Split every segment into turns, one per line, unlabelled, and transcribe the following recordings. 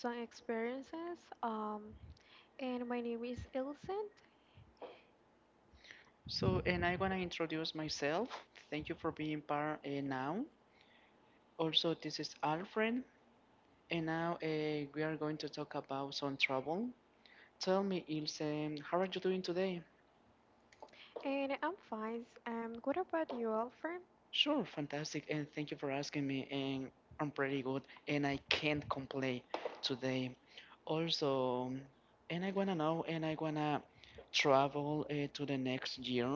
some experiences. And my name is Ilsen,
So, and I want to introduce myself. Thank you for being part now. Also, this is Alfred, and now we are going to talk about some trouble. Tell me, Ilse, how are you doing today?
and I'm fine. What about you, Alfred?
Sure, fantastic, and thank you for asking me. And I'm pretty good, and I can't complain today. Also, and I wanna know, and I wanna travel to the next year.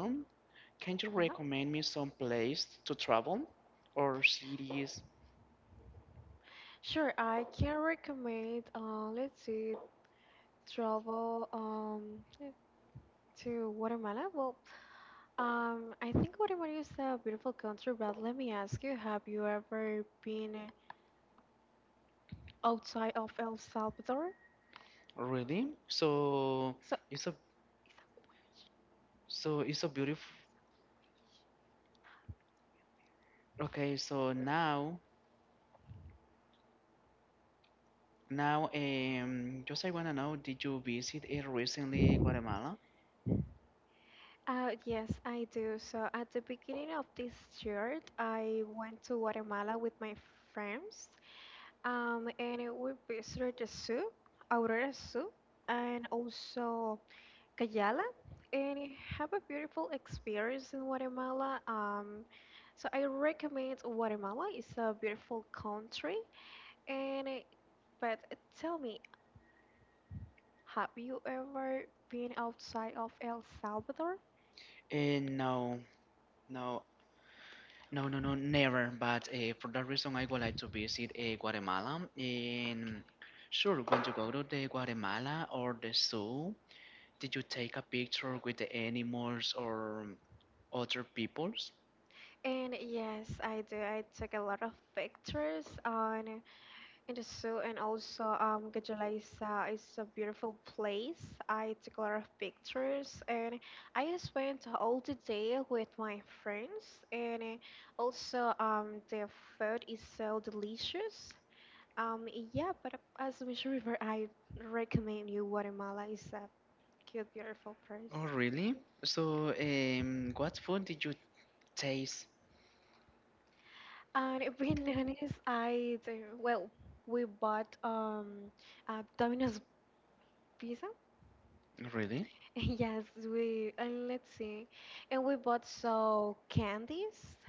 Can you
Yeah,
recommend me some place to travel or cities?
sure. I can recommend. Let's see, travel. To Guatemala. Well, I think Guatemala is a beautiful country. But let me ask you: have you ever been outside of El Salvador?
Really?
So,
It's a
is that
so it's a beautiful. Okay, so now just I wanna know, did you visit it recently, Guatemala?
yes, I do. So at the beginning of this year, I went to Guatemala with my friends, and it we visited the zoo, Aurora Zoo, and also Cayala, and it have a beautiful experience in Guatemala. So I recommend Guatemala. It's a beautiful country, and but tell me, have you ever been outside of El Salvador?
Uh, no, no, no, never. But for that reason, I would like to visit Guatemala. And sure, when you go to the Guatemala or the zoo, did you take a picture with the animals or other peoples?
And yes, I do. I took a lot of pictures on in the zoo, and also Gajalaisa is a beautiful place. I took a lot of pictures, and I spent all the day with my friends. And the food is so delicious. Um, yeah, but as a Mission River, I recommend you Guatemala. It's a cute, beautiful place.
Oh, really? So, what food did you taste?
And being honest, I do, well, we bought a Domino's pizza.
Really?
Yes, we and let's see, and we bought so candies.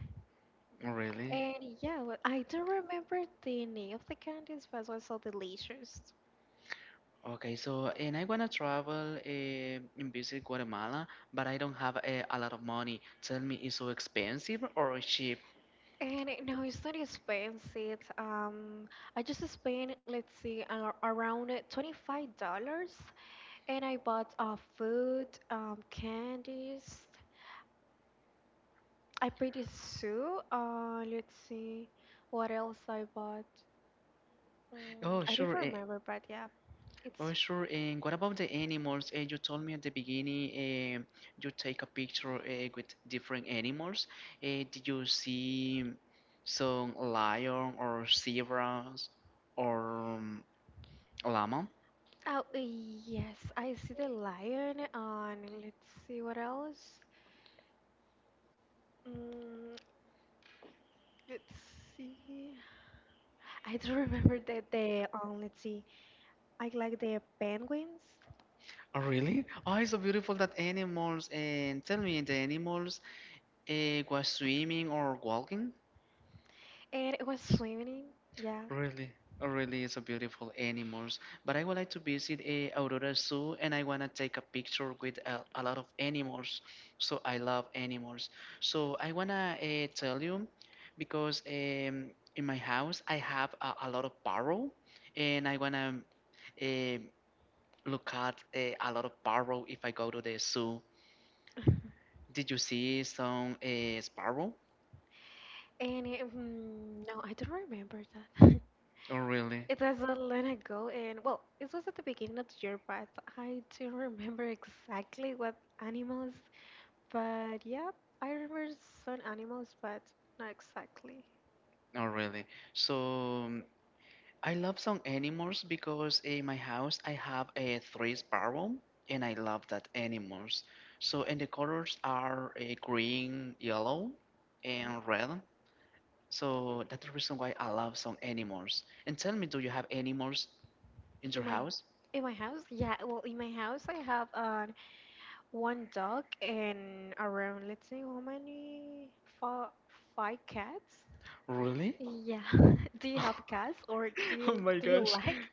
Really?
And yeah, well, I don't remember the name of the candies, but it was so delicious.
Okay, so and I wanna travel and visit Guatemala, but I don't have a lot of money. Tell me, is so expensive or cheap?
And no, it's not expensive. I just spent, let's see, around $25, and I bought food, candies. I paid it Sue. Let's see what else I bought.
Oh,
Mm, I
sure.
don't remember, but yeah,
Oh,
it's
sure. And what about the animals? You told me at the beginning, you take a picture with different animals. Did you see some lion or zebras or llama?
oh yes, I see the lion. On Let's see what else. Mm, let's see. I don't remember that the. Let's see. I like the penguins,
Oh, really? Oh, it's so beautiful that animals. And tell me, the animals, it was swimming or walking.
and it was swimming. Yeah,
Really, oh, really, it's a beautiful animals. But I would like to visit a Aurora Zoo, and I wanna take a picture with a lot of animals. So I love animals. So I wanna tell you, because in my house I have a lot of parrot, and I wanna uh, look at a lot of parrot if I go to the zoo. Did you see some sparrow?
and no, I don't remember that.
Oh, really?
It was a long ago, and well, it was at the beginning of the year, but I don't remember exactly what animals. But yeah, I remember some animals, but not exactly.
Oh, really? So, um, I love some animals because in my house I have a three sparrow and I love that animals. So and the colors are a green, yellow,
Yeah.
and red. So that's the reason why I love some animals. And tell me, do you have animals in your
In my
house?
in my house, yeah, well, in my house I have one dog and around let's see how many five five cats.
Really?
Yeah. Do you have cats or do
Oh
you
my
do you
gosh.
like?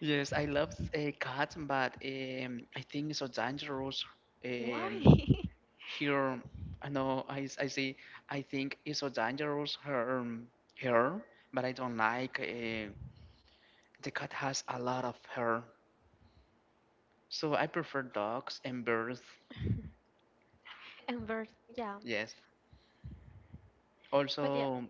Yes, I love a cat, but I think it's so dangerous.
Why?
Um, Here, I know I say I think it's so dangerous her hair, but I don't like the cat has a lot of hair, so I prefer dogs and birds.
And birds, yeah.
Yes.
But yeah.
Also,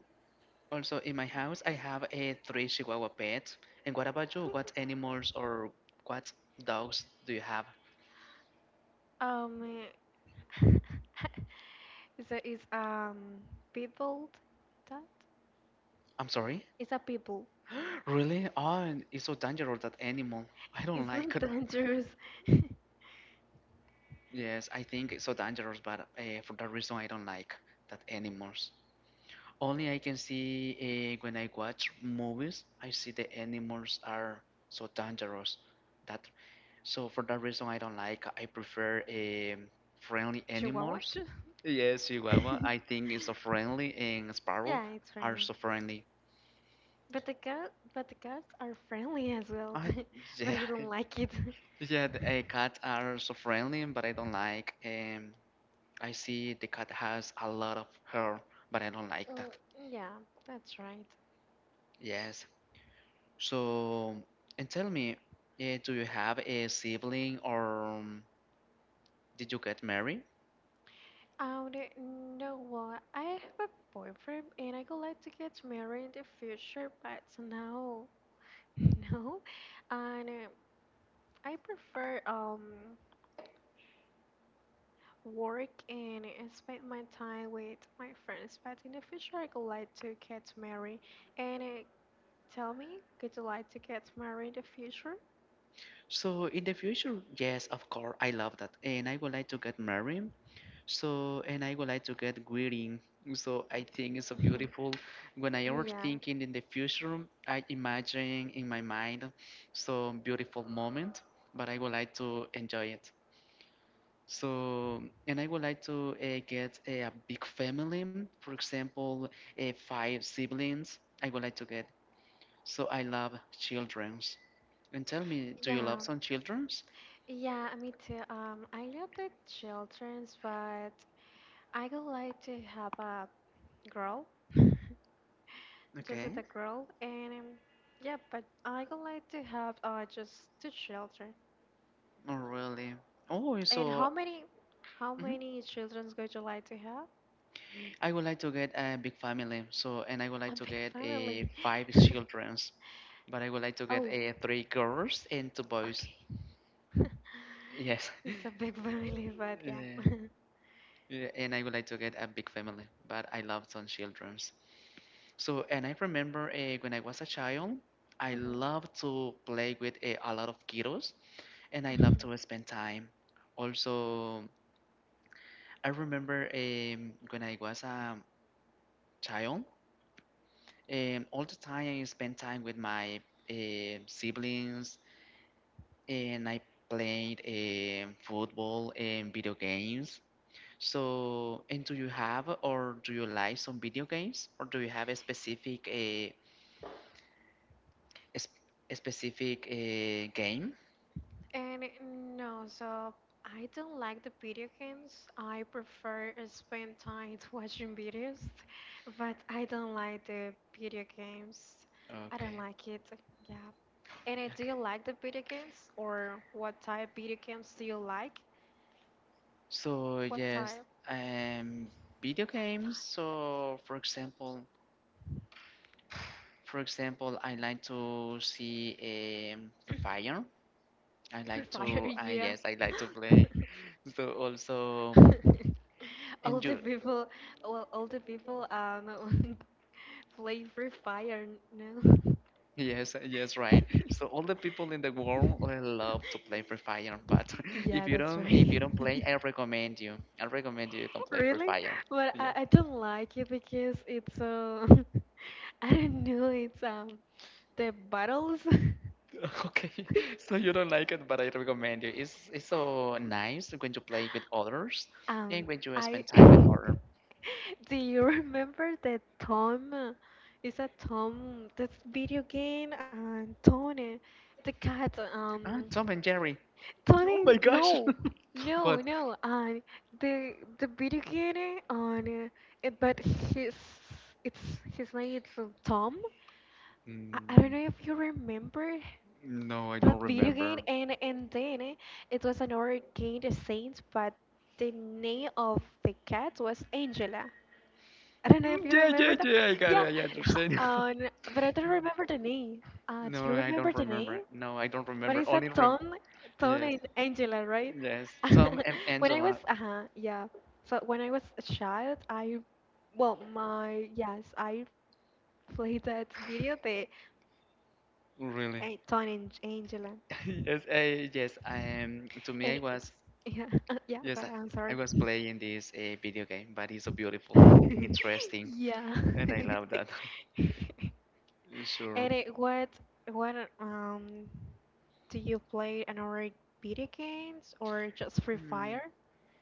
also in my house I have a three Chihuahua pets. And what about you?
Okay.
What animals or what dogs do you have?
Um it's a is people That
I'm sorry.
it's a people.
Really? Oh, it's so dangerous that animal. I don't
It's
like
not
it.
dangerous.
Yes, I think it's so dangerous, but for that reason, I don't like that animals. Only I can see when I watch movies, I see the animals are so dangerous. That so for that reason, I don't like. I prefer friendly
Chihuahua.
animals. Yes, Chihuahua. I think it's so friendly, and sparrow
Yeah, it's
are
friendly.
so friendly.
But the cats are friendly as well.
I
But
yeah,
you don't like it.
yeah. The cats are so friendly, but I don't like. I see the cat has a lot of hair, but I don't like that.
Mm, yeah, that's right.
Yes. So, and tell me, do you have a sibling or did you get married?
Oh, no, what? I have a boyfriend and I would like to get married in the future, but no, no. And I prefer work and spend my time with my friends. But in the future, I would like to get married. And tell me, would you like to get married in the future?
So, in the future, yes, of course, I love that. And I would like to get married. So, and I would like to get wedding. So, I think it's so beautiful. When I ever
Yeah,
thinking in the future, I imagine in my mind so beautiful moment, but I would like to enjoy it. So, and I would like to get a big family, for example, five siblings. I would like to get. So I love childrens. And tell me, do you love
yeah,
some childrens?
yeah, me too. I love the children's, but I would like to have a girl, just with
Okay.
a girl, and yeah, but I would like to have just two children.
Oh, really? Oh,
And how
so
many, how
mhm.
many children would you like to have?
I would like to get a big family. So, and I would
A
like to
big
get a
family.
five childrens, but I would like to get
Oh,
a three girls and two boys.
okay.
Yes.
It's a big family, but
Yeah.
yeah.
Yeah, and I would like to get a big family, but I love some childrens. So, and I remember when I was a child, I loved to play with a lot of kiddos and I
Mhm.
loved to spend time. Also, I remember when I was a child, all the time I spent time with my siblings and I played football and video games. So, and do you have or do you like some video games or do you have a specific, a, sp- a specific game?
And no, so I don't like the video games. I prefer spend time watching videos, but I don't like the video games. I don't
Okay,
like it. Yeah. And do you
okay.
like the video games or what type video games do you like?
So
What
yes,
type?
um, video games. So for example, I like to see Free Fire. I
Free
like
Fire,
to,
yeah.
yes, I like to play. So also,
All
and
the
you,
people, well, all the people play Free Fire, no?
yes, yes, right. So all the people in the world love to play Free Fire. But if
Yeah,
you
that's
don't, if you
right.
don't play, I recommend you. I recommend you can play Free
Really?
Fire.
But
Yeah.
I don't like it because it's I don't know, it's the battles.
Okay, so you don't like it, but I recommend you. It's so nice when you play with others and
Um
when you
I
spend time with others.
do you remember that Tom? Is that Tom this video game and Tony the cat
Ah, Tom and Jerry. Oh
Tony
my gosh.
no no
What?
no and the video game on it but his it's his name is Tom. I don't
Mm,
know if you remember
no, I
that
don't
video game,
remember.
and then it was another game, the Saints, but the name of the cat was Angela. I don't know if you
Yeah, yeah,
remember that.
yeah. I got
Yeah,
it. I understand.
um, but I don't remember the name. Do
No,
you
I
remember
don't
the
remember.
name?
No, I don't
But
remember.
it's a
Only rem.
Tom, Tom
Yes,
and Angela, right?
yes. Tom and
When I was,
Angela.
uh-huh, yeah. So when I was a child, yes, I played that video, the
Really.
Tom and Angela.
Yes. I am. To me, I
And it's
was.
yeah, yeah. Go
Yes,
ahead, I'm
I
sorry.
was playing this video game, but it's so beautiful and interesting,
Yeah.
and I love that. Sure.
And it, what do you play another video games or just Free
Mm,
Fire?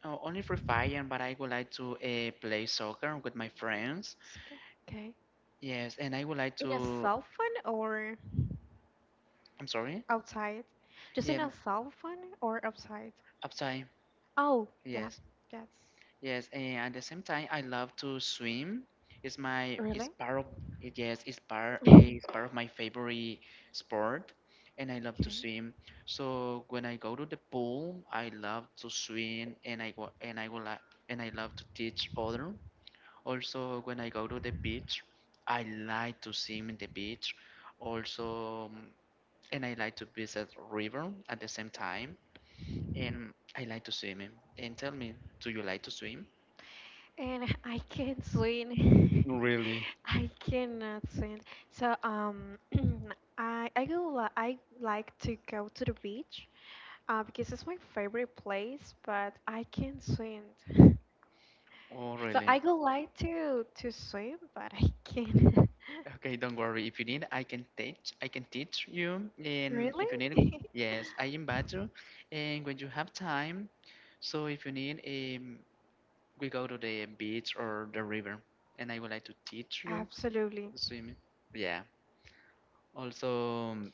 Oh, only for Fire, but I would like to play soccer with my friends.
It's okay. Okay.
Yes, and I would like
In a
to.
cell phone or
I'm sorry.
outside? Just in
Yeah,
a cell phone or outside?
upside.
Oh, yeah.
Yes,
That's
yes, and at the same time, I love to swim. It's
really
part of yes, it's part
okay.
it's part of my favorite sport, and I love to swim. So when I go to the pool, I love to swim, and I go like and I love to teach other. Also, when I go to the beach, I like to swim in the beach. Also, and I like to visit river at the same time, and I like to swim. And tell me, do you like to swim?
And I can swim.
Really?
I cannot swim. So I like to go to the beach because it's my favorite place, but I can't swim.
Oh,
So
really?
I go like to swim, but I can't.
Okay, don't worry. If you need, I can teach. I can teach you. And
Really?
if you need, yes, I invite you. And when you have time, so if you need, we go to the beach or the river, and I would like to teach you
Absolutely.
swimming. Yeah. Also,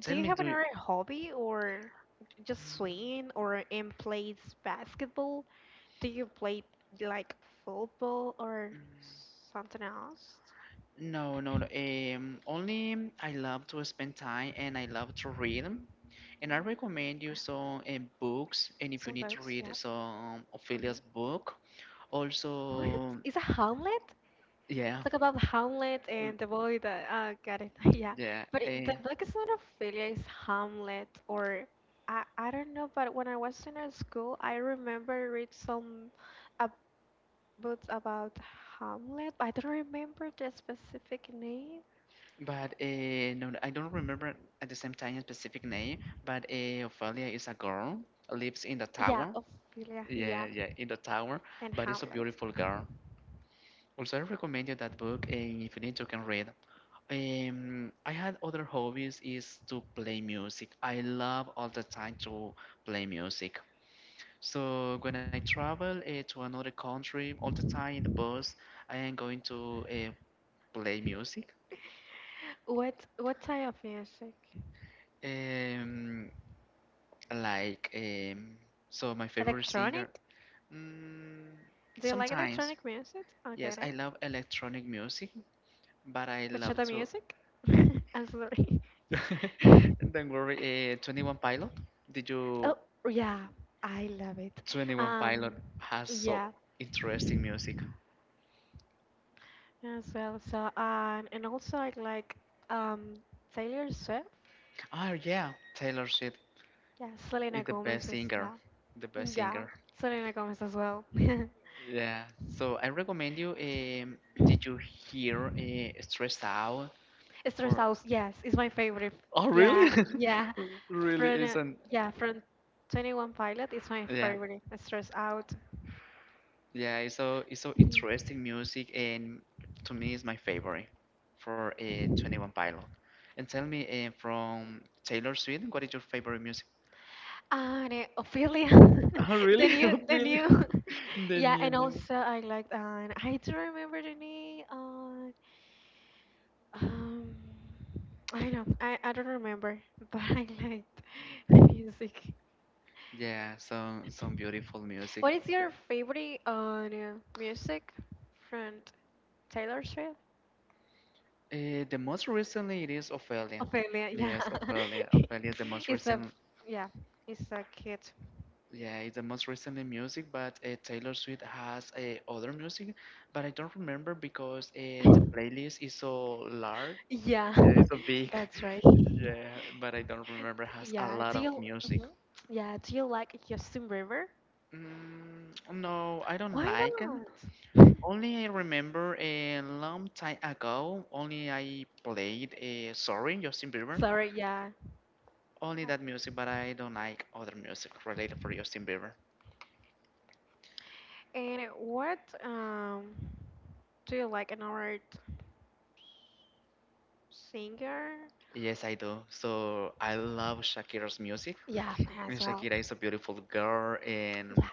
tell
Do you
me,
have
do you,
another hobby or just swim or in plays basketball? Do you play like football or something else?
no, no, no. Only I love to spend time and I love to read. And I recommend you some books. And if you need to
Sometimes,
read
yeah.
some
Hmm.
Ophelia's book,
What
also
is a Hamlet?
yeah
Talk about Hamlet
mm,
and the boy that got it. Yeah,
yeah
but the book is not Ophelia. It's Hamlet, or I don't know. But when I was in a school, I remember read some uh, books about Hamlet. I don't remember the specific name.
but no, I don't remember at the same time a specific name, but Ophelia is a girl lives in the
Yeah,
tower,
Ophelia.
yeah
Yeah,
yeah, in the tower,
and
but it's a
Hamlet.
beautiful girl. Also, I recommend you that book, and if you need, you can read. I had other hobbies, is to play music. I love all the time to play music, so when I travel to another country, all the time in the bus I am going to play music.
What type of music?
Um, like um, so, my favorite singer.
Electronic?
Mm,
Do you like
sometimes,
electronic music? Okay,
yes, I
right.
love electronic music, but I love
Bachata
to.
music? I'm sorry.
Don't worry. 21 Pilot. Did you?
Oh, yeah, I love it.
21 Pilot
Um,
has so
yeah,
interesting music.
as well. So, and also I like um Taylor Swift.
Oh yeah, Taylor Swift
Yeah,
is
Selena
the
Gomez
best
is
singer.
yeah,
The best
Mm, yeah,
singer.
Selena Gomez as well.
Yeah. So I recommend you. Did you hear "Stressed Out"
Esther
for
House, yes, is my favorite.
Oh,
Yeah,
really? Really
from uh,
isn't.
yeah from 21 Pilot is my
Yeah.
favorite. Stress Out.
Yeah, it's so interesting music, and to me it's my favorite for a 21 Pilot. And tell me from Taylor Swift, what is your favorite music?
Ah, and Ophelia,
Oh, really?
the
Really?
new,
The
yeah,
new
and
music.
also I liked, I do remember the name, um, I know, I don't remember, but I liked the music.
Yeah, some beautiful music.
What is your favorite on music from Taylor Swift?
The most recently it is Ophelia.
Ophelia, yeah,
Yes, Ophelia. Ophelia is the most
it's a,
recent.
yeah, it's a kid.
Yeah, it's the most recent in music, but Taylor Swift has other music, but I don't remember because the playlist is so large.
Yeah,
Yeah, it's so big.
that's right.
Yeah, but I don't remember has a
Yeah,
lot
do
of
you?
music.
Mhm. Yeah, do you like Justin Bieber?
No, I don't
Why
like it.
not?
Only I remember a long time ago. Only I played Sorry, Justin Bieber.
Sorry, yeah.
Only
Yeah.
that music, but I don't like other music related for Justin Bieber.
And what do you like another singer?
Yes, I do. So I love Shakira's music.
Yeah,
And
as well.
Shakira is a beautiful girl, and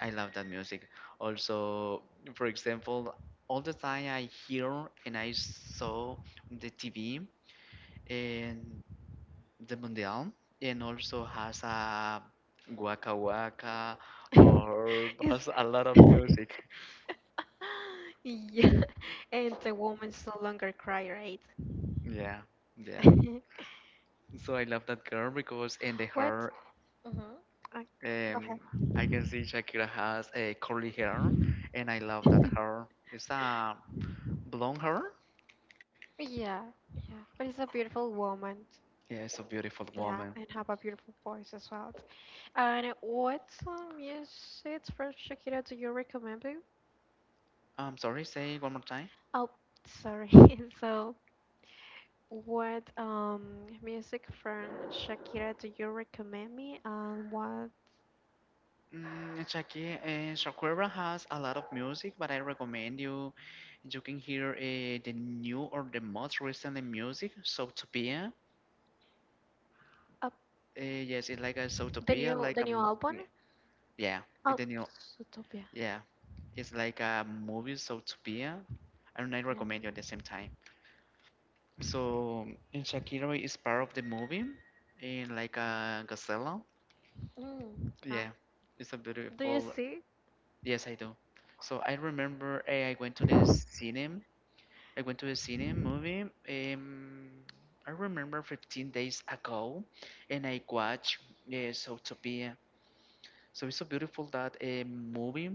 I love that music. Also, for example, all the time I hear and I saw the TV and the Mundial, and also has a Waka Waka
Yeah,
or
is
has a lot of music.
yeah. And the woman's no longer cry, right?
Yeah, yeah. So I love that girl because in the
What?
hair,
Uh, Go
um, I can see Shakira has a curly hair, and I love
ahead.
that hair. It's a blonde hair.
Yeah, yeah. But it's a beautiful woman.
Yes, a beautiful
Yeah,
woman.
and have a beautiful voice as well. And what song music from Shakira do you recommend? Me?
I'm sorry, say it one more time.
Oh, sorry. So, what music from Shakira do you recommend me? And what
Shakira has a lot of music, but I recommend you can hear the new or the most recently music, Zootopia.
uh,
Yes, it's like a Zootopia, like
the
a
new album?
yeah, yeah, it's
Oh,
the new,
Zootopia.
yeah, it's like a movie Zootopia, and I
Yeah.
recommend you at the same time. So, and Shakira is part of the movie, in like a gazelle.
Mm, yeah.
Yeah, it's a
Do you
beautiful.
see?
Yes, I do. So I remember, I went to the cinema. I went to the cinema movie. Um, I remember 15 days ago, and I watched Zootopia. So it's so beautiful that movie.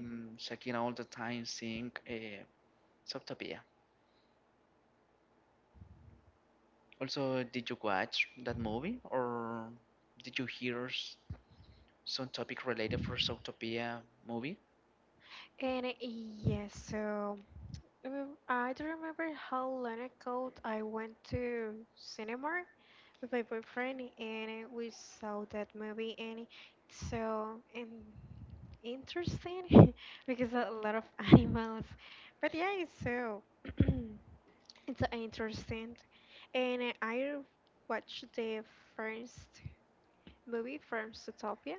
Mhm.
Shakira all the time sing Zootopia. Also, did you watch that movie, or did you hear some topic related for Zootopia movie?
And yes, I don't remember how long ago I went to cinema with my boyfriend, and we saw that movie, and it's so in interesting because a lot of animals, but yeah, it's so interesting. And I watched the first movie from Zootopia,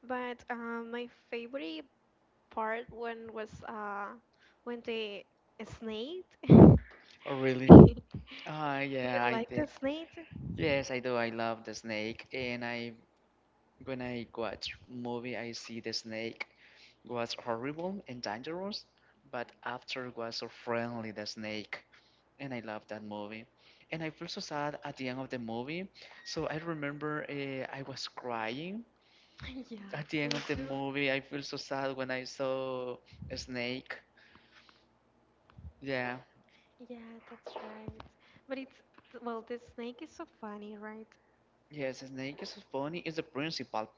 but my favorite part when was when the snake do
Oh, really? Ah,
you
yeah, I
like the
think.
snake?
Yes, I do. I love the snake, and I when I watch movie, I see the snake was horrible and dangerous, but after was so friendly the snake, and I love that movie. And I feel so sad at the end of the movie, so I remember I was crying
Yes,
at the
me
end of the
too.
movie. I feel so sad when I saw a snake. Yeah,
Yeah, that's right. But it's, well, the snake is so funny, right?
yes, a snake is funny. Is the principal.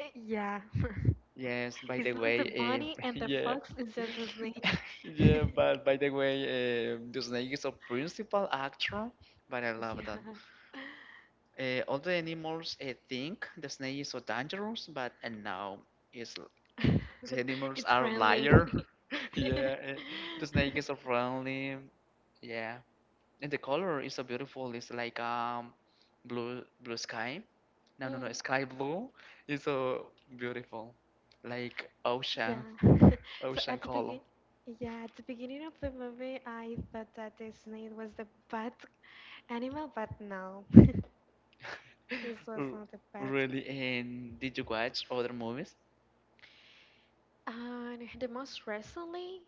Yeah.
Yes, by the
It's not the
way,
bunny and the
yeah.
fox, it's just a snake.
Yeah, but by the way, the snake is a principal actor, but I love that.
Yeah.
All the animals think the snake is so dangerous, but and now it's the animals
It's
are
friendly.
liar. Yeah, the snake is so friendly. Yeah, and the color is so beautiful. It's like blue sky. No, no, no,
Mm.
sky blue. It's so beautiful, like ocean.
Yeah.
Oh,
So
San Carlo.
at the beginning of the movie, I thought that the snake was the bad animal, but no, it was
R-
not the bad.
Really? And did you watch other movies?
And the most recently,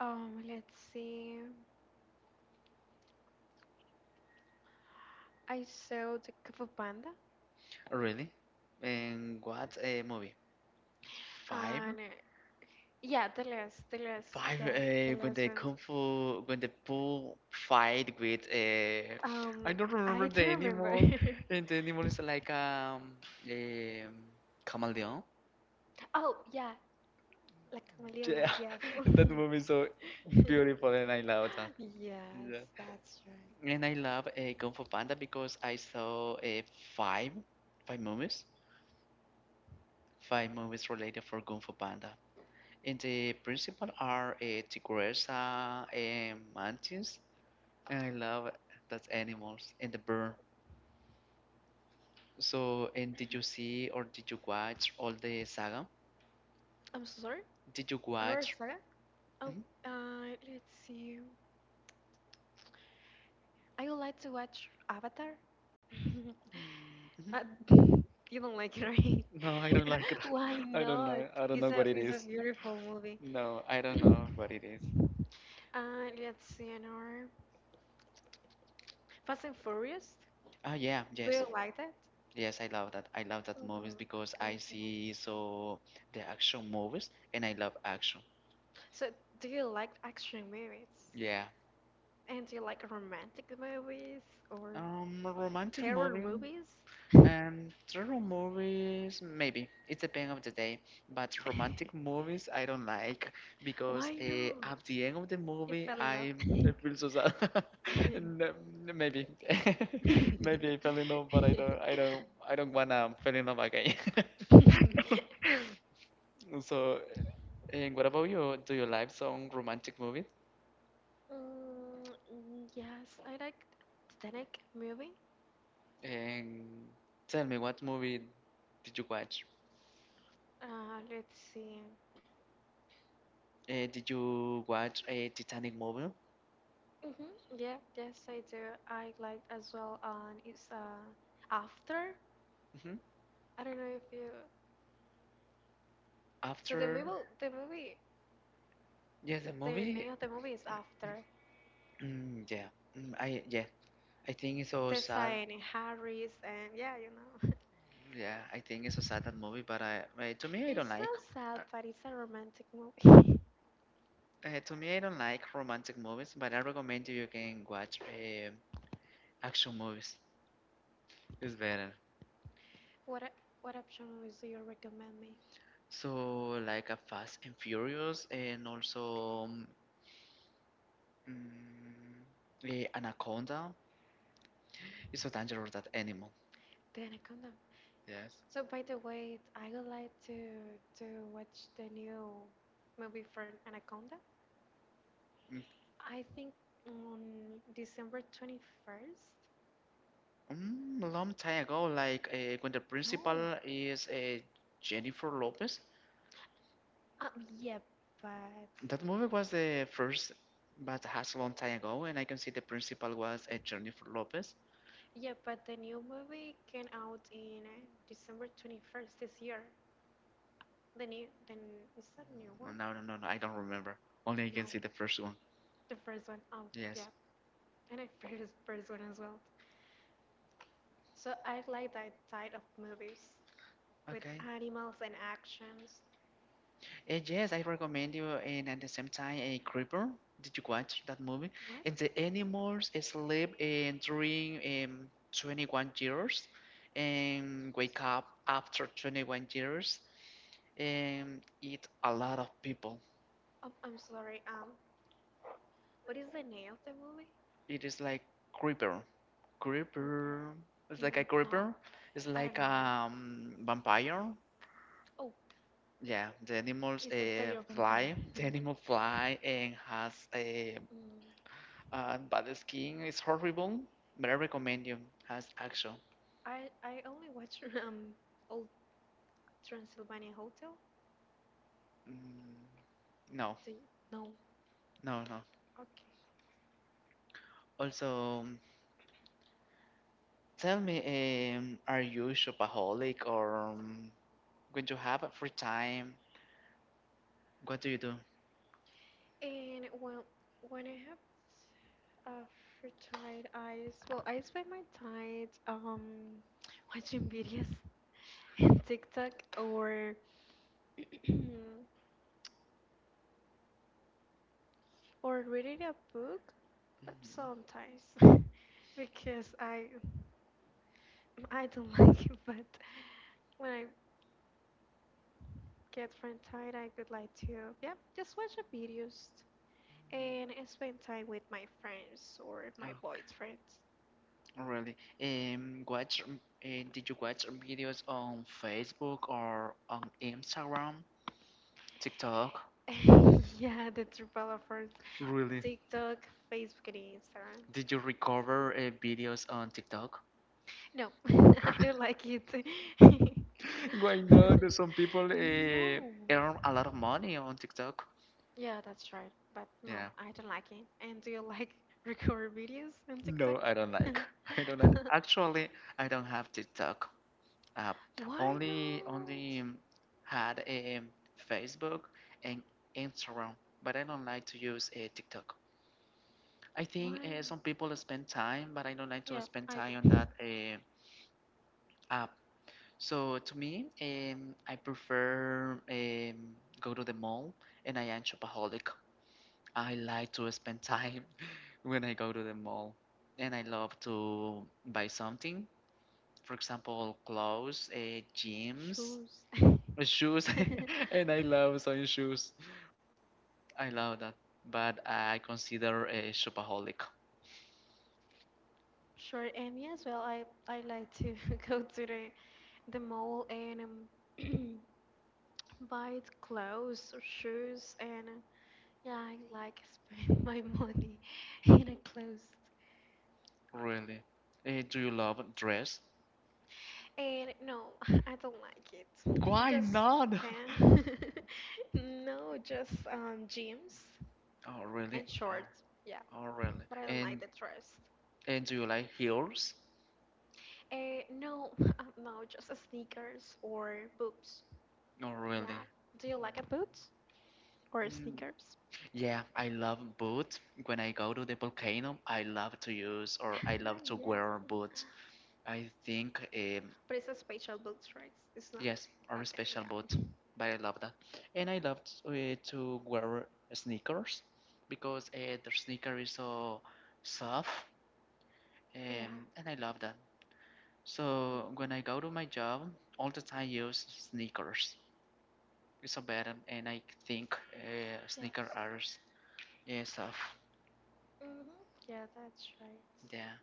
let's see, I saw the Kung Fu Panda,
Really? And what a movie? Five?
and yeah,
Five,
yeah, the
when
last
the
one.
kung fu, when the bull fight with,
Um,
I don't remember
I
the
don't remember.
animal, and the animal is like um chameleon.
Oh, yeah, La Camaleona,
Yeah,
yes.
and that movie is so beautiful, and I love that.
Yes,
Yeah.
that's right.
And I love Kung Fu Panda because I saw five, five movies, five movies related for Kung Fu Panda. And the principal are Tigresa and Mantis. And I love that animals and the bird. So, and did you see or did you watch all the saga?
I'm so sorry.
Did you
Another
watch?
saga? Oh,
Mhm,
let's see. I would like to watch Avatar.
mhm, mhm.
Uh, you don't like it, right?
No, I don't like that.
Why
I don't
not?
like. I don't know what it
It's a
is.
beautiful movie.
No, I don't know what it is.
Let's see, another Fast and Furious.
Ah, yeah,
Do
yes,
you like that?
yes, I love that. I love that movies because I see so the action movies and I love action.
So, do you like action movies?
Yeah,
And do you like romantic movies or
A romantic
terror
movie
movies?
and thriller movies, maybe. It depends of the day. But romantic movies, I don't like because
Why not?
at the end of the
You
movie,
fell in love.
I feel so sad. and, maybe, maybe I fell in love, but I don't wanna fall in love again. So, and what about you? Do you like some romantic movies?
Mm, yes, I like Titanic movie.
And tell me, what movie did you watch?
Let's see.
Did you watch a Titanic movie?
Hmm. Yeah, yes, I do. I like as well. It's After.
hmm
I don't know if you. So
After,
the movie.
yeah, the
The
movie,
name of the movie is After.
yeah, mm, I yeah, I think it's so
The
sad.
sign in Harris, and yeah, you know.
Yeah, I think it's so sad that movie. But to me, I don't
It's
like.
not sad, but it's a romantic movie.
To me, I don't like romantic movies. But I recommend you can watch action movies. It's better.
What a, what action movies do you recommend me?
So like a Fast and Furious, and
Okay.
also Anaconda. It's so dangerous that animal.
The Anaconda.
Yes.
So by the way, I would like to watch the new movie from Anaconda. I think on December 21st.
A long time ago, like when the
No.
principal is Jennifer Lopez.
Uh, yeah, but
That movie was the first, but has a long time ago, and I can see the principal was Jennifer Lopez.
yeah, but the new movie came out in December 21st this year. The new, Then n- Is that a new
No,
one?
no, no, no, I don't remember. Only I can
No,
see the first one.
the first one. Oh, yeah,
Yes.
and I prefer the first one as well. So I like that type of movies with
Okay.
animals and actions.
Yes, I recommend you, and at the same time, a Creeper. Did you watch that movie?
What?
And the animals sleep during um, 21 years and wake up after 21 years and eat a lot of people.
Oh, I'm sorry. What is the name of the movie?
It is like creeper,
Rupert.
creeper. It's like
Mm,
a
no,
creeper. It's
I don't
like
know.
vampire.
Oh,
Yeah, the animals
it's a Day of Vampire.
fly. The animal fly and has
Mm,
a bad skin. It's horrible, but I recommend you as action.
I only watch um Old Transylvania Hotel.
Mm, no,
Do you? No.
no, no.
Okay.
Also, tell me, are you shopaholic or when you have a free time, what do you do?
And when I have uh, free time, I s- well I spend my time watching videos in TikTok or or reading a book, but
Mhm.
sometimes because I don't like it, but when I get free time, I would like to yeah just watch the videos and spend time with my friends or my boyfriends.
Really? Did you watch videos on Facebook or on Instagram, TikTok?
Yeah, the true
Really?
TikTok, Facebook, and Instagram.
Did you recover videos on TikTok?
No, I don't like it.
Why not? There's some people
No.
earn a lot of money on TikTok.
Yeah, that's right. But no,
Yeah.
I don't like it. And do you like record videos on TikTok?
No, I don't like. I don't like. Actually, I don't have TikTok app.
Why
Only,
not?
only had Facebook and Instagram, but I don't like to use TikTok. I think
Why?
some people spend time, but I don't like to
Yeah,
spend
I
time on
do.
that app. So to me, I prefer go to the mall, and I am shopaholic. I like to spend time when I go to the mall, and I love to buy something. For example, clothes, gyms,
Shoes.
shoes, and I love some shoes. I love that, but I consider a shopaholic.
Sure. Yes, well, I like to go to the mall and buy clothes or shoes. And yeah, I like spend my money in a clothes.
Really, do you love dress?
And no, I don't like it.
Why
Just
not?
pants. No, just jeans
Oh really?
and shorts. Yeah,
Oh really?
but I don't like
And
the dress.
and do you like heels?
No, no, just sneakers or boots.
Oh really?
Yeah. Do you like a boots or
Mm,
sneakers?
yeah, I love boots. When I go to the volcano, I love to use or I love to
yeah.
wear boots. I think
But it's a special boots, right? It's not.
yes, or
Okay,
special boot.
yeah.
But I love that, and I love to wear sneakers because the sneaker is so soft,
Yeah.
and I love that. So when I
Hmm.
go to my job, all the time I use sneakers. It's so better, and I think sneaker
Yes.
are soft.
Hmm. Yeah, that's right.
Yeah.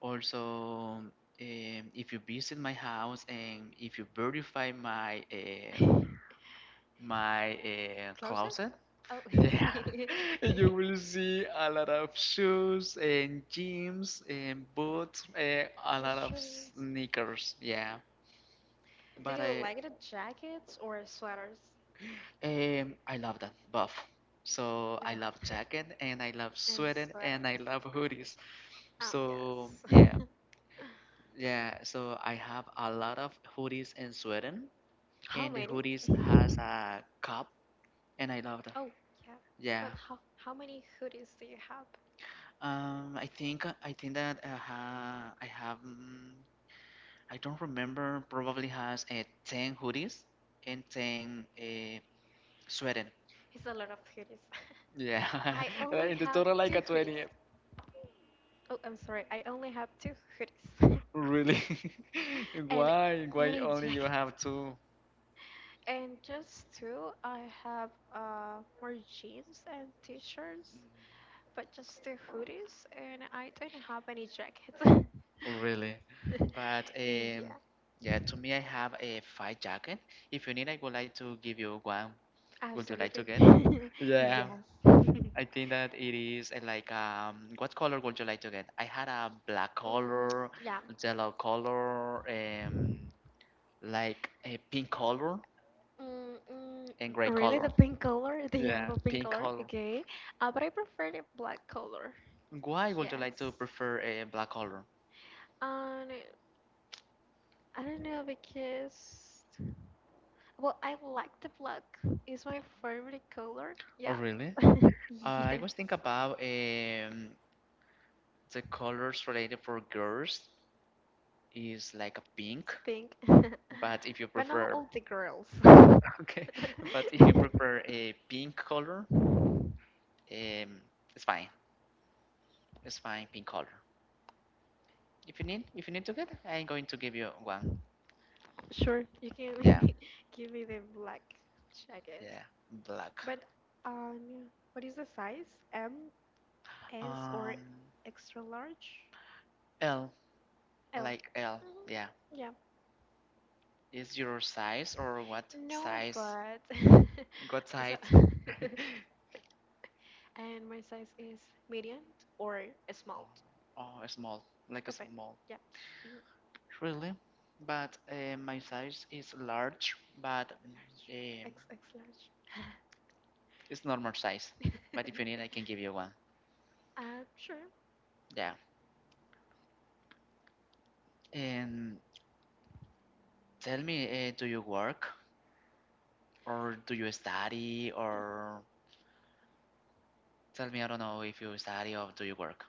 Also, if you visit my house and if you verify my
Closet?
closet,
Oh.
yeah, you will see a lot of shoes and jeans and boots, a
The
lot of
shirts.
sneakers. Yeah.
Do
But
you
I
like the jackets or sweaters?
Um, I love that buff. So
They're
I
both.
love jacket and I love
And
sweater and I
sweaters.
love hoodies. So
Yes.
yeah, yeah. So I have a lot of hoodies in Sweden,
How
and the
many?
hoodies has a cup, and I love that.
Oh, yeah.
Yeah.
But how many hoodies do you have?
I think that I don't remember. Probably has ten hoodies and ten sweater.
It's a lot of hoodies.
Yeah,
I only
in the
have
total like
two
a
hoodies.
20.
Oh, I'm sorry. I only have two hoodies
Really?
and
Why? Why
any
only you
jacket.
have two?
And just two, I have more jeans and t-shirts, but just two hoodies, and I don't have any jacket.
Really? But
Yeah,
yeah, to me, I have a five jacket. If you need, I would like to give you one. Would you like to
absolutely.
get? Yeah,
Yes.
I think that it is like what color would you like to get? I had a black
Mm,
color,
yeah.
yellow color, like a pink color
Mm, mm,
and gray
Really,
color.
the pink color? They have
Yeah,
a pink
pink
color?
color.
Okay. But I prefer the black color.
Why would you like to
Yes.
prefer a black color?
And I don't know because, well, I like the black. It's my favorite color.
Oh,
Yeah.
really? I
Yes.
was thinking about the colors related for girls is like a pink,
It's pink.
but if you
But now
prefer,
all the girls.
okay, but if you prefer a pink color, um, it's fine. It's fine, pink color. If you need to get, I'm going to give you one.
Sure, you can
Yeah,
give me the black jacket.
yeah, black.
But what is the size? M, S, or
Um,
extra large?
L,
L.
like L. Yeah,
Yeah.
is your size or what
No,
size?
but
What
so
size?
and my size is medium or small.
Oh, small, like a
Depend.
small.
Yeah. Mhm.
Really? But my size is large, but
Large.
um,
X X large.
it's normal size. But if you need, I can give you one.
Sure.
Yeah. And tell me, do you work or do you study or tell me, I don't know if you study or do you work?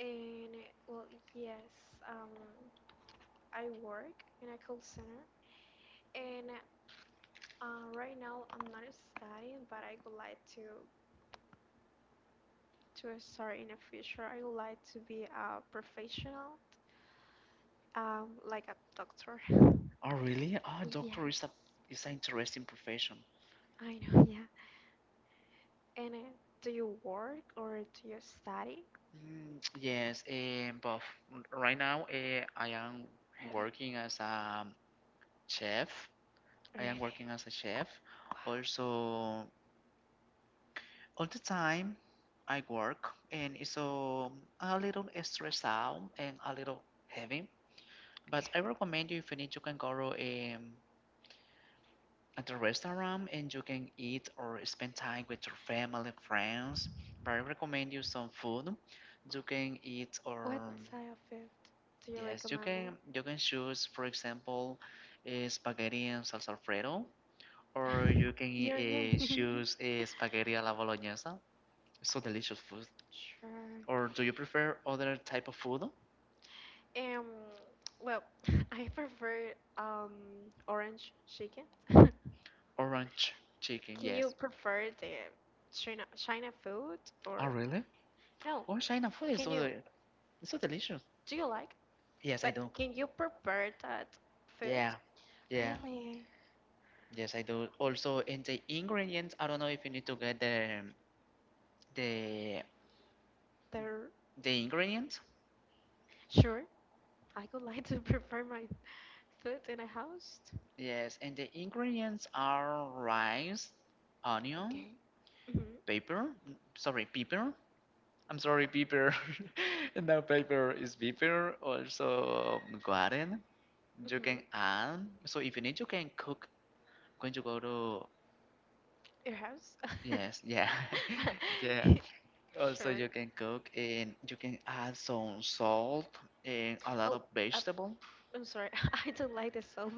And well, yes. Um, I work in a call center, and right now I'm not studying, but I would like to start in the future. I would like to be a professional, like a doctor.
Oh, really? Oh, doctor is a
Yes,
is an interesting profession.
I know. Yeah. And do you work or do you study?
Mm, yes, but right now I am
Really?
working as a chef. I am
Really?
working as a chef.
Wow.
Also, all the time I work and it's so a little stressed out and a little heavy. But I
Okay.
recommend you if you need you can go to a at the restaurant and you can eat or spend time with your family, friends. But I recommend you some food you can eat
What
or
type of it do you
yes you
recommend me?
can you can choose for example spaghetti and salsa alfredo or you can
Your name?
choose a spaghetti alla bolognese. It's so delicious food.
Sure.
Or do you prefer other type of food?
Um, well, I prefer orange chicken. Can
Orange chicken,
you
yes.
prefer the China food
Oh,
or
really?
no?
Oh, China food is
Can you
it's so delicious.
do you like?
Yes, I
But
do.
can you prepare that food?
Yeah, yeah,
Really?
yes, I do. Also, in the ingredients, I don't know if you need to get the
There?
the ingredients.
Sure. I would like to prepare my food in a house.
Yes, and the ingredients are rice, onion,
Okay. Mm-hmm.
pepper. Sorry, pepper. I'm sorry, pepper. No, pepper is pepper. Also, garden you
Mm-hmm.
can add. So if you need, you can cook going to go to
Your house?
yes yeah yeah also
Sure.
you can cook and you can add some salt and a lot
Oh,
of
uh,
vegetable.
I'm sorry, I don't like the soap.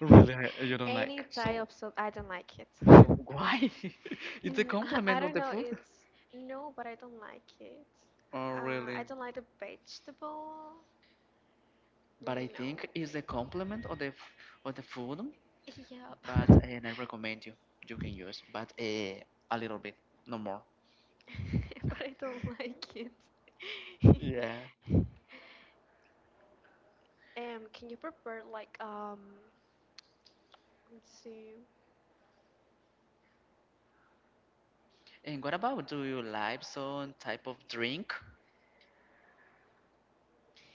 Really? You don't
Any
like
type
salt?
of soap, I don't like it.
Why? It's a
N- I
compliment of
don't
the
know,
food.
it's no, but I don't like it.
Oh, really?
I don't like the vegetable.
But I think
No.
it's a compliment of the of the food. But
Yep.
and I recommend you you can use but a little bit, no more.
But I don't like it.
Yeah,
Can you prepare like let's see.
and what about, do you like some type of drink?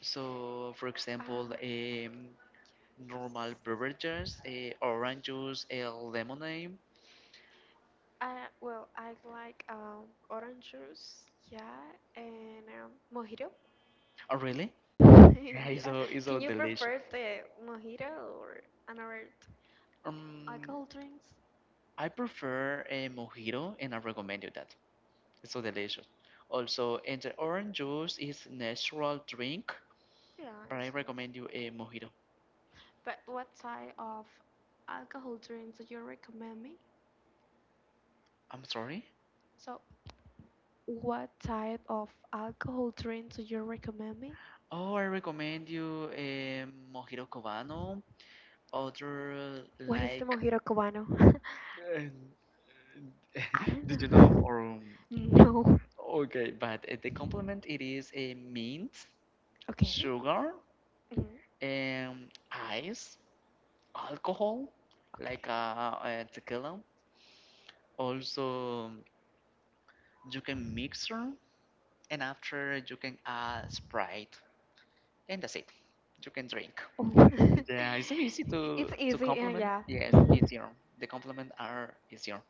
So, for example,
Um,
normal beverages, orange juice, lemonade.
I like orange juice, yeah, and mojito.
Oh, really? Yeah,
Yeah.
it's so
Can you
delicious.
prefer the mojito or another
Um,
alcohol drinks?
I prefer a mojito, and I recommend you that. It's so delicious. Also, and the orange juice is natural drink,
Yeah, I
but I
think.
recommend you a mojito.
But what type of alcohol drinks do you recommend me?
I'm sorry.
So, what type of alcohol drink do you recommend me?
Oh, I recommend you a mojito cubano. Other
What is the
like,
mojito cubano?
uh,
I
did you
don't
know,
know.
or? um,
No.
Okay, but the compliment it is a mint,
Okay.
sugar,
Hmm.
ice, alcohol, like
Okay.
tequila. Also, you can mixer, and after you can add Sprite, and that's it. You can drink.
Oh.
Yeah, it's so easy
It's
to
easy. Yeah,
complement.
yeah.
Yes,
Mhm.
easier. The complement are easier.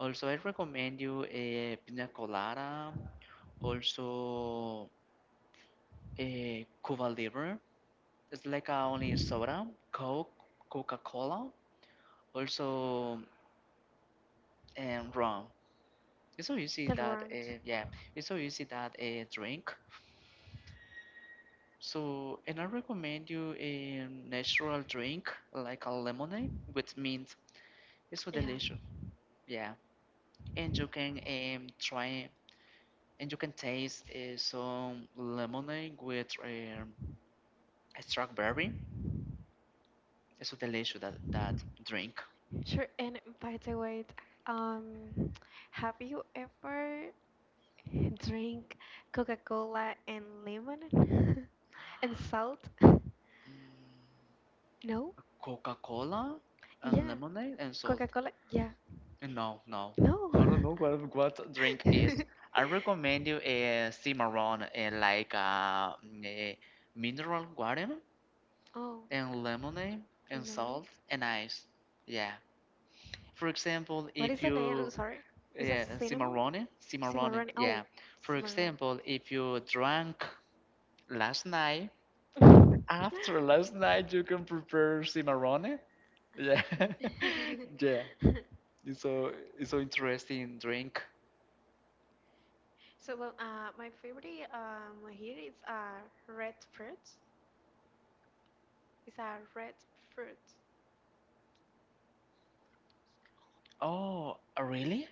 Also, I recommend you a pina colada. Also, a Cuba Libre. It's like a only soda, Coke, Coca Cola. Also, and rum. It's so easy
The
that
round. Hmm.
yeah, it's so easy that a drink. So and I recommend you a natural drink like a lemonade with mint. It's so
Yeah.
delicious. Yeah, and you can try and you can taste some lemonade with a strawberry. It's so delicious that drink.
Sure, and by the way, um, have you ever drink Coca-Cola and lemon and salt?
Mm,
No?
Coca-Cola and
Yeah.
lemonade and salt.
Coca-Cola? Yeah.
No, no.
No.
I don't know what drink is. I recommend you a cimarron, eh, like mineral water
Oh,
and lemonade and
and lemonade.
salt and ice. Yeah. For example,
What is
if
the name? I'm
you
sorry. Is a
yeah,
cinnamon?
cimarron, cimarron.
Cimarron.
Yeah.
Oh,
For
cimarron.
example, if you drank last night, after last night you can prepare cimarron. Yeah. Yeah.
Okay.
It's so it's so interesting drink.
So, well, my favorite here is red fruit. It's a red fruit.
Oh, really?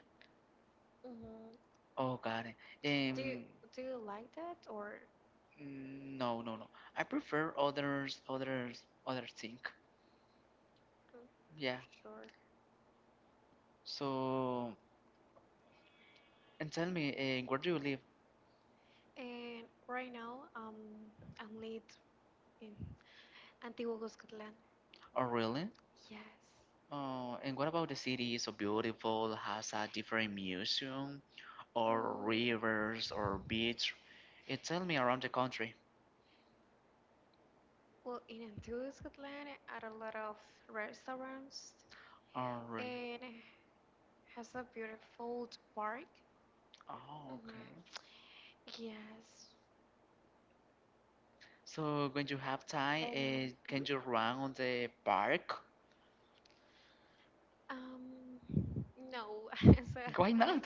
hmm
Oh, got it.
Do you
Um,
do you like that or?
no, no, no. I prefer others, others, others thing.
Mm,
Yeah.
sure.
So, and tell me, eh, where do you live?
And right now, I'm late in Antiguo Cuscatlán.
Oh, really?
Yes.
Oh, and what about the city? Is so beautiful, has a different museum, or
Mm,
rivers, or beach? Eh, tell me around the country.
well, in Antiguo Cuscatlán, are a lot of restaurants
Oh, really?
and has a beautiful park.
Oh, okay.
Hmm. Yes,
So, when you have time,
and
eh, can
mhm.
you run on the park?
Um. No. so
Why
I.
not?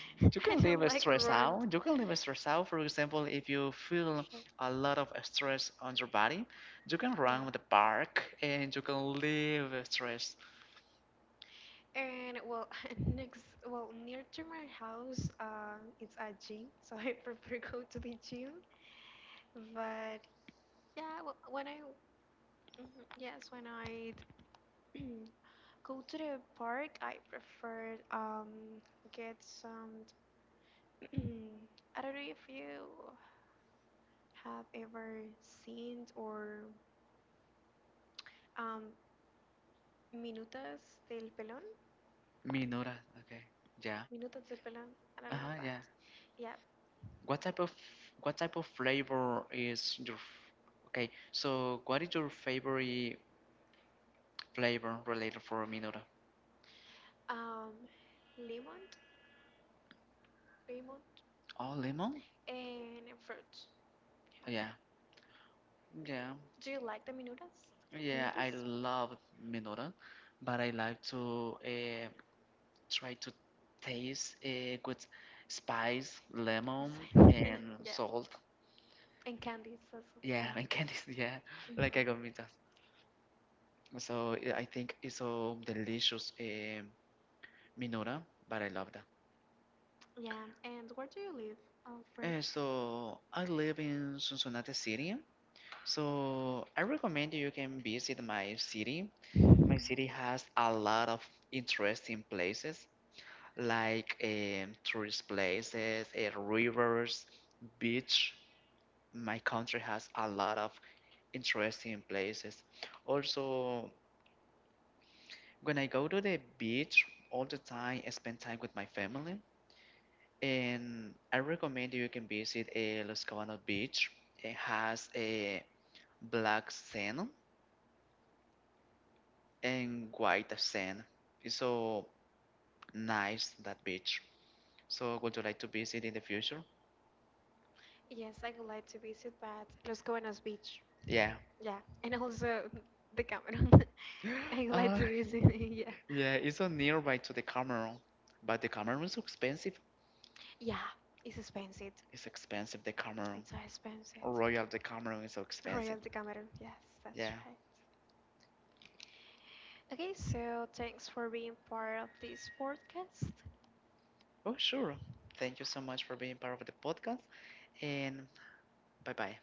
You
I
can live
don't
a
like
stress
runt.
out. You can live a stress out. For example, if you feel
Sure.
a lot of stress on your body, you can run
Yeah.
with the park and you can live a stress.
And well, well, near to my house, it's a gym, so I prefer go to the gym. But yeah, well, mhm, yes, when I go to the park. I prefer get some. I don't know if you have ever seen or um Minutas del Pelón.
Minura. Okay. Yeah.
Minutas del Pelón. I
Uh
don't
huh.
know,
Yeah.
but yeah.
What type of what type of flavor is your? Okay. So what is your favorite flavor related for Minora?
Um, lemon, lemon,
Oh, lemon.
and fruit. Yeah.
Yeah. Yeah.
Do you like the minutas?
Yeah. I
Minutas?
love Minora, but I like to. Try to taste it with spice, lemon,
Inside.
and
yeah.
salt.
And candies also.
Yeah,
Yeah.
and candies. Yeah,
Hmm.
like I got me that. So yeah, I think it's so delicious, Minora, but I love that.
Yeah. And where do you live, Alfred?
And so I live in Cincinnati City. So I recommend you can visit my city. My city has a lot of interesting places, like tourist places, rivers, beach. My country has a lot of interesting places. Also, when I go to the beach all the time, I spend time with my family. And I recommend you can visit a Los Cabanos Beach. It has a black sand and white sand. It's so nice that beach. So would you like to visit in the future?
Yes, I would like to visit, but Los Guanos Beach.
Yeah.
Yeah. And also the Cameron. I would like to
Uh,
visit. yeah.
yeah, it's so nearby to the Cameroon, but the Cameroon is so expensive.
Yeah. It's expensive.
It's expensive, the
It's
Cameroon.
so expensive.
Royal the Cameron is so expensive.
Royalty Cameron, yes, that's
Yeah.
right. Okay, so thanks for being part of this podcast.
Oh, sure. Thank you so much for being part of the podcast, and bye bye.